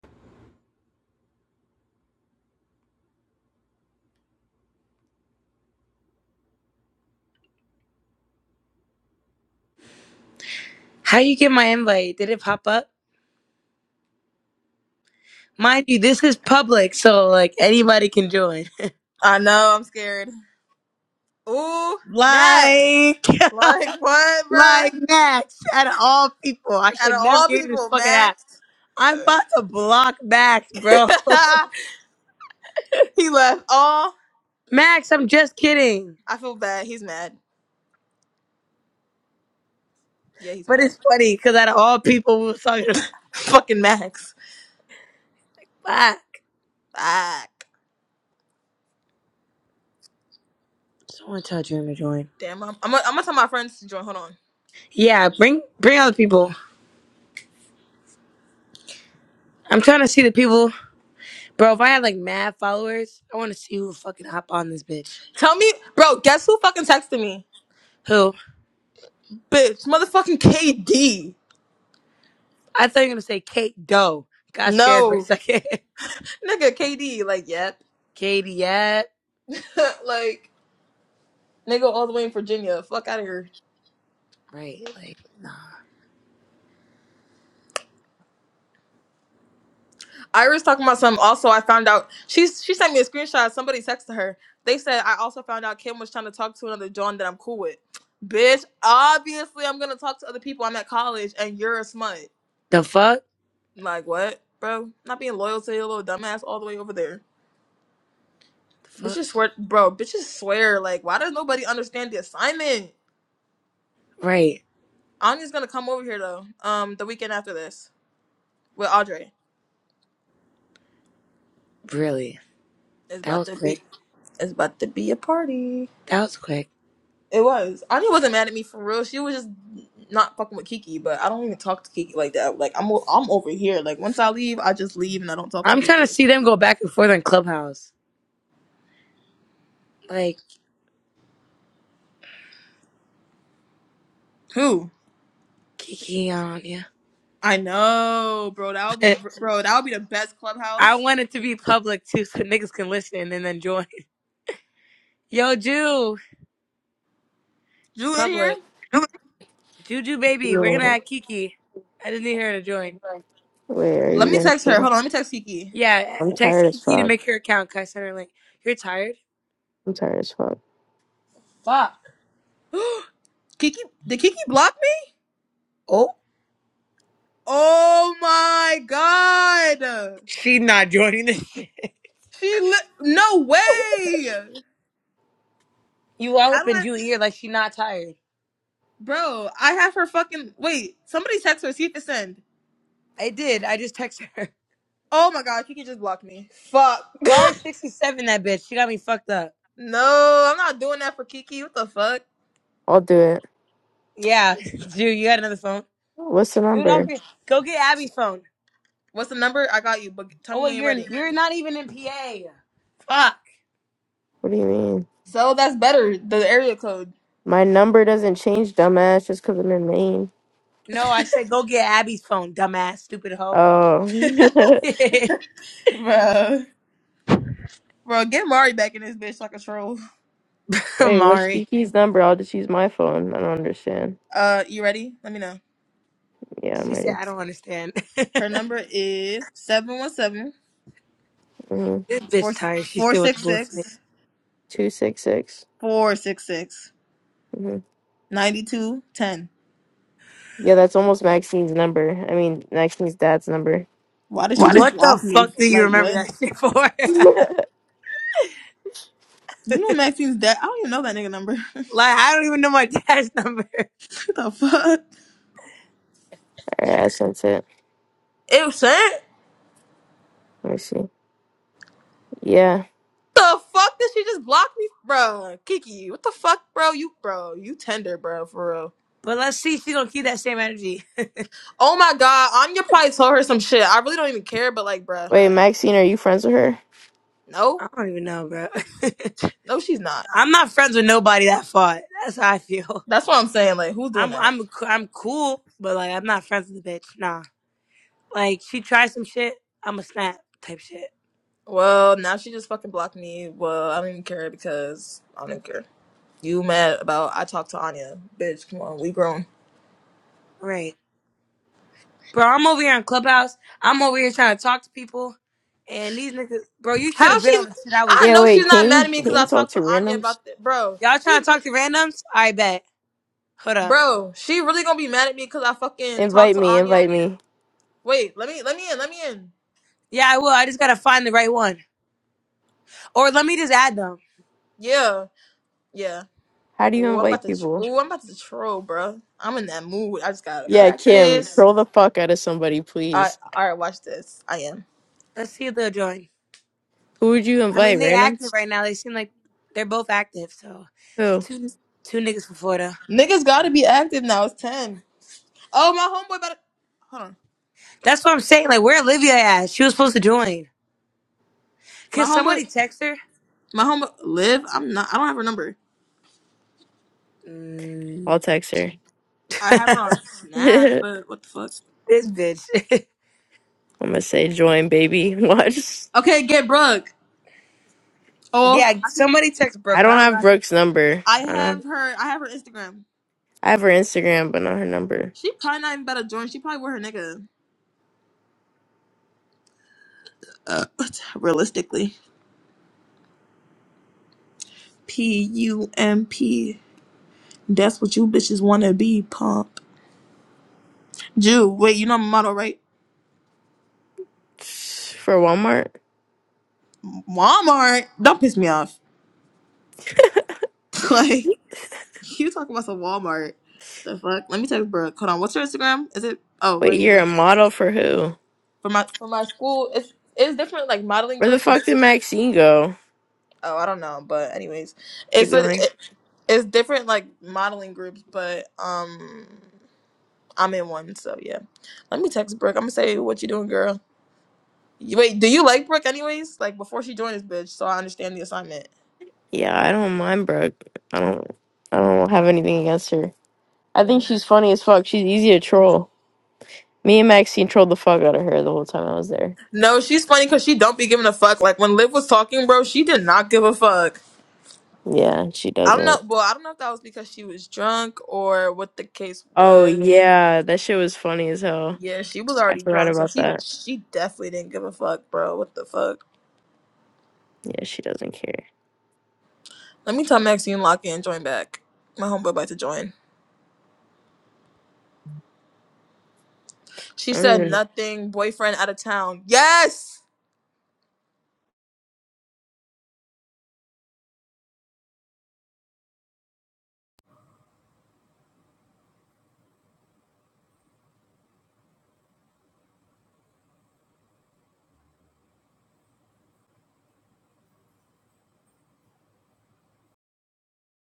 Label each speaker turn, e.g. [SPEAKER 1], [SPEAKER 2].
[SPEAKER 1] How you get my invite? Did it pop up? Mind you, this is public, so like anybody can join.
[SPEAKER 2] I know, I'm scared. Ooh, Max.
[SPEAKER 1] Like,
[SPEAKER 2] Like what, bruh?
[SPEAKER 1] like Max, out of all people, I
[SPEAKER 2] Out
[SPEAKER 1] should
[SPEAKER 2] of
[SPEAKER 1] never
[SPEAKER 2] all
[SPEAKER 1] give you this
[SPEAKER 2] people,
[SPEAKER 1] fucking app.
[SPEAKER 2] Max.
[SPEAKER 1] I'm about to block Max, bro.
[SPEAKER 2] he left Oh,
[SPEAKER 1] Max, I'm just kidding,
[SPEAKER 2] I feel bad. He's mad. Yeah, he's
[SPEAKER 1] but
[SPEAKER 2] mad.
[SPEAKER 1] it's funny because out of all people, we was talking about
[SPEAKER 2] Fucking Max.
[SPEAKER 1] Max.
[SPEAKER 2] Fuck.
[SPEAKER 1] Someone tell Dream to join.
[SPEAKER 2] Damn, I'm, I'm, gonna- I'm gonna tell my friends to join. Hold on.
[SPEAKER 1] Yeah, bring bring other people. I'm trying to see the people, bro. If I had like mad followers, I want to see who fucking hop on this bitch.
[SPEAKER 2] Tell me, bro, guess who fucking texted me?
[SPEAKER 1] Who?
[SPEAKER 2] Bitch, motherfucking KD.
[SPEAKER 1] I thought you were gonna say Kate Doe. Got scared for a
[SPEAKER 2] No.
[SPEAKER 1] second.
[SPEAKER 2] Nigga, KD, like, yep.
[SPEAKER 1] Katie at
[SPEAKER 2] like, nigga all the way in Virginia. Fuck out of here.
[SPEAKER 1] right, like nah.
[SPEAKER 2] Iris talking about something. Also, I found out she's she sent me a screenshot. Somebody texted her. They said I also found out Kim was trying to talk to another John that I'm cool with. Bitch, obviously I'm gonna talk to other people. I'm at college and you're a smut.
[SPEAKER 1] The fuck?
[SPEAKER 2] Like what, bro? Not being loyal to your little dumbass all the way over there.
[SPEAKER 1] The fuck?
[SPEAKER 2] Bitches swear, bro. Bitches swear. Like why does nobody understand the assignment?
[SPEAKER 1] Right.
[SPEAKER 2] Anya's gonna come over here though. Um, the weekend after this with Audrey.
[SPEAKER 1] Really.
[SPEAKER 2] It's
[SPEAKER 1] That
[SPEAKER 2] about
[SPEAKER 1] was
[SPEAKER 2] to
[SPEAKER 1] quick.
[SPEAKER 2] be. It's about to be a party.
[SPEAKER 1] That was quick.
[SPEAKER 2] It was. Anya wasn't mad at me for real. She was just not fucking with Kiki, but I don't even talk to Kiki like that. Like I'm o- I'm over here. Like once I leave, I just leave and I don't talk to
[SPEAKER 1] I'm trying
[SPEAKER 2] people.
[SPEAKER 1] to see them go back and forth on Clubhouse. Like
[SPEAKER 2] Who?
[SPEAKER 1] Kiki on yeah.
[SPEAKER 2] I know, bro. That would be bro, that would be the best
[SPEAKER 1] I
[SPEAKER 2] clubhouse.
[SPEAKER 1] want it to be public too so niggas can listen and then join. Yo, Jew. It's
[SPEAKER 2] You in here?
[SPEAKER 1] public. Juju baby, we're gonna
[SPEAKER 3] Yeah.
[SPEAKER 1] add Kiki. I just need her to join.
[SPEAKER 3] Wait, are
[SPEAKER 2] Let
[SPEAKER 3] you
[SPEAKER 2] me
[SPEAKER 3] gonna
[SPEAKER 2] text her. Hold
[SPEAKER 3] feel?
[SPEAKER 2] on, let me text Kiki.
[SPEAKER 1] Yeah,
[SPEAKER 3] I'm
[SPEAKER 1] text
[SPEAKER 3] tired as
[SPEAKER 1] Kiki to
[SPEAKER 3] fuck.
[SPEAKER 1] make her account, cause I sent her a link. You're tired?
[SPEAKER 3] I'm tired as fuck.
[SPEAKER 1] Fuck.
[SPEAKER 2] Kiki did Kiki block me?
[SPEAKER 1] Oh.
[SPEAKER 2] Oh my god.
[SPEAKER 1] She not joining this shit.
[SPEAKER 2] She li- no way.
[SPEAKER 1] You all
[SPEAKER 2] How
[SPEAKER 1] up
[SPEAKER 2] do
[SPEAKER 1] in
[SPEAKER 2] I
[SPEAKER 1] you ear like she not tired.
[SPEAKER 2] Bro, I have her fucking wait, somebody text her, see if it's send.
[SPEAKER 1] I did. I just texted her.
[SPEAKER 2] Oh my god, Kiki just blocked me. Fuck.
[SPEAKER 1] Sorry, 67, that bitch. She got me fucked up.
[SPEAKER 2] No, I'm not doing that for Kiki. What the fuck?
[SPEAKER 3] I'll do it.
[SPEAKER 1] Yeah, dude. you got another phone?
[SPEAKER 3] What's the
[SPEAKER 1] Dude, I'll
[SPEAKER 3] number?
[SPEAKER 1] be, go get Abby's phone.
[SPEAKER 2] What's the number? I got you, but tell
[SPEAKER 1] Oh,
[SPEAKER 2] me when
[SPEAKER 1] wait,
[SPEAKER 2] you're
[SPEAKER 1] you're
[SPEAKER 2] ready.
[SPEAKER 1] you're not even in PA. Fuck.
[SPEAKER 3] What do you mean?
[SPEAKER 2] So that's better. The area code.
[SPEAKER 3] My number doesn't change, dumbass, just because I'm in Maine.
[SPEAKER 1] No, I said go get Abby's phone, dumbass, stupid hoe.
[SPEAKER 3] Oh.
[SPEAKER 2] Bro. Bro, get Mari back in this bitch like a troll.
[SPEAKER 3] Wait, what's
[SPEAKER 1] Mari.
[SPEAKER 3] Kiki's number? I'll just use my phone. I don't understand.
[SPEAKER 2] Uh, you ready? Let me know.
[SPEAKER 3] Yeah, I'm
[SPEAKER 1] She said,
[SPEAKER 3] ready.
[SPEAKER 1] I don't understand.
[SPEAKER 2] Her number is 717
[SPEAKER 3] Mm-hmm.
[SPEAKER 1] This bitch tired. She's still with the bullshit.
[SPEAKER 3] 266. hmm Yeah, that's almost Maxine's number. I mean, Maxine's dad's number.
[SPEAKER 2] Why did she
[SPEAKER 3] Why
[SPEAKER 2] just
[SPEAKER 3] did
[SPEAKER 1] What the
[SPEAKER 2] block me?
[SPEAKER 1] fuck do you
[SPEAKER 2] Like,
[SPEAKER 1] remember
[SPEAKER 2] what?
[SPEAKER 1] that shit for? like,
[SPEAKER 3] Alright,
[SPEAKER 2] You know Maxine's dad. I don't even know that nigga number. what
[SPEAKER 1] I don't even know my dad's number.
[SPEAKER 2] the fuck?
[SPEAKER 3] I sent it.
[SPEAKER 2] Ew, shit.
[SPEAKER 3] Let me see. Yeah.
[SPEAKER 2] the fuck did she just block me, bro? Kiki, what the fuck, bro? You, bro, you tender, bro, for real.
[SPEAKER 1] But let's see if she gonna keep that same energy.
[SPEAKER 2] Oh my god, Anya probably told her some shit. I really don't even care, but like, bro,
[SPEAKER 3] Wait, Maxine, are you friends with her?
[SPEAKER 2] no,
[SPEAKER 1] I don't even know, bro.
[SPEAKER 2] no, she's not.
[SPEAKER 1] I'm not friends with nobody that fought. That's how I feel.
[SPEAKER 2] That's what I'm saying. Like, who's doing
[SPEAKER 1] I'm
[SPEAKER 2] that?
[SPEAKER 1] I'm I'm cool, but like I'm not friends with the bitch. Nah. Like she tries some shit, I'm a snap type shit.
[SPEAKER 2] Well, now she just fucking blocked me. Well, I don't even care because I don't even care. You mad about I talked to Anya, bitch? Come on, we grown.
[SPEAKER 1] Right. Bro, I'm over here on Clubhouse. I'm over here trying to talk to people. And these niggas bro, you should
[SPEAKER 2] How
[SPEAKER 1] have been
[SPEAKER 2] she?
[SPEAKER 1] on the shit I was
[SPEAKER 2] I
[SPEAKER 3] Yeah,
[SPEAKER 2] know she's
[SPEAKER 3] wait,
[SPEAKER 2] not
[SPEAKER 3] can
[SPEAKER 2] mad at
[SPEAKER 3] you
[SPEAKER 2] me because
[SPEAKER 3] can
[SPEAKER 2] I
[SPEAKER 3] you talk
[SPEAKER 2] talked to
[SPEAKER 3] to
[SPEAKER 2] Anya
[SPEAKER 3] randoms?
[SPEAKER 2] about that, bro.
[SPEAKER 1] y'all
[SPEAKER 2] She's.
[SPEAKER 1] trying to
[SPEAKER 2] re-
[SPEAKER 1] talk to randoms? I bet. Hold up.
[SPEAKER 2] Bro, she really gonna be mad at me because I fucking talked
[SPEAKER 3] Invite
[SPEAKER 2] to
[SPEAKER 3] me,
[SPEAKER 2] Anya.
[SPEAKER 3] invite me.
[SPEAKER 2] Wait, let me let me in, let me in.
[SPEAKER 1] Yeah, I will. I just gotta find the right one. Or let me just add them.
[SPEAKER 2] Yeah, yeah.
[SPEAKER 3] How do you
[SPEAKER 2] Ooh, I'm about
[SPEAKER 3] invite
[SPEAKER 2] to. Tr-
[SPEAKER 3] people?
[SPEAKER 2] Ooh, I'm about to troll, bro. I'm in that mood. I just gotta
[SPEAKER 3] Yeah, Kim,
[SPEAKER 2] practice.
[SPEAKER 3] throw the fuck out of somebody,
[SPEAKER 2] I
[SPEAKER 3] please.
[SPEAKER 2] all right. Watch this. I am.
[SPEAKER 1] Let's see if they'll join.
[SPEAKER 3] Who would you
[SPEAKER 1] I mean,
[SPEAKER 3] invite?
[SPEAKER 1] they active
[SPEAKER 3] Randoms?
[SPEAKER 1] right now. They seem like they're both active. So
[SPEAKER 3] Who?
[SPEAKER 1] two two niggas from Florida.
[SPEAKER 2] Niggas gotta be active now. It's ten. Oh, my homeboy. About to, hold on.
[SPEAKER 1] That's what I'm saying. Like, where Olivia at? She was supposed to join. Can
[SPEAKER 2] My homeboy.
[SPEAKER 1] somebody text her?
[SPEAKER 2] My homeboy. Liv. I'm not. I don't have her number.
[SPEAKER 1] Mm.
[SPEAKER 3] I'll text her.
[SPEAKER 2] I have her on Snap,
[SPEAKER 3] I'm
[SPEAKER 2] but what the fuck?
[SPEAKER 1] this bitch.
[SPEAKER 3] gonna say join, baby. Watch.
[SPEAKER 2] Okay, get Brooke. Oh,
[SPEAKER 1] yeah,
[SPEAKER 2] I, could,
[SPEAKER 1] somebody text
[SPEAKER 3] I
[SPEAKER 1] Brooke. But I
[SPEAKER 3] don't
[SPEAKER 1] don't
[SPEAKER 3] have
[SPEAKER 1] got it.
[SPEAKER 3] Brooke's number.
[SPEAKER 2] I
[SPEAKER 3] I don't have,
[SPEAKER 2] have her. I have her Instagram.
[SPEAKER 3] I have her Instagram, but not her number.
[SPEAKER 2] She probably not even about to join. She probably with her nigga. Uh, realistically. P U M P. That's what you bitches wanna be, pump. Jew, wait, you know my motto, right?
[SPEAKER 3] For Walmart?
[SPEAKER 2] Walmart. Don't piss me off. like, you talking about some Walmart. The fuck? Let me text bro. Hold on. What's your Instagram? Is it oh
[SPEAKER 3] Wait,
[SPEAKER 2] right
[SPEAKER 3] you're
[SPEAKER 2] here.
[SPEAKER 3] a model for who?
[SPEAKER 2] For my for my school, it's it's different like modeling
[SPEAKER 3] Where the
[SPEAKER 2] groups and
[SPEAKER 3] fuck did
[SPEAKER 2] school.
[SPEAKER 3] Maxine go?
[SPEAKER 2] Oh, I don't know, but anyways.
[SPEAKER 3] Keep
[SPEAKER 2] It's a
[SPEAKER 3] going.
[SPEAKER 2] it, it's different like modeling groups, but um I'm in one, so yeah. Let me text Brooke. I'm gonna say what you doing, girl. You- Wait, do you like Brooke anyways? Like before she joined this bitch, so I understand the assignment.
[SPEAKER 3] Yeah, I don't mind Brooke. I don't. I don't have anything against her. I think
[SPEAKER 2] Mm.
[SPEAKER 3] she's funny as fuck. She's easy to troll. Me and Maxine trolled the fuck out of her the whole time I was there.
[SPEAKER 2] No, she's funny because she don't be giving a fuck. Like when Liv was talking, bro, she did not give a fuck.
[SPEAKER 3] Yeah, she
[SPEAKER 2] I don't know.
[SPEAKER 3] doesn't.
[SPEAKER 2] Well, I don't know if that was because she was drunk or what the case
[SPEAKER 3] Oh
[SPEAKER 2] was.
[SPEAKER 3] yeah, that shit was funny as hell.
[SPEAKER 2] Yeah, she was
[SPEAKER 3] I
[SPEAKER 2] already
[SPEAKER 3] forgot
[SPEAKER 2] drunk, so
[SPEAKER 3] about
[SPEAKER 2] she
[SPEAKER 3] that.
[SPEAKER 2] she definitely didn't give a fuck, bro. What the fuck?
[SPEAKER 3] Yeah, she doesn't care.
[SPEAKER 2] Let me tell Maxine lock in, join back. My homeboy about to join. She
[SPEAKER 3] I don't
[SPEAKER 2] said
[SPEAKER 3] even.
[SPEAKER 2] nothing. Boyfriend out of town. Yes.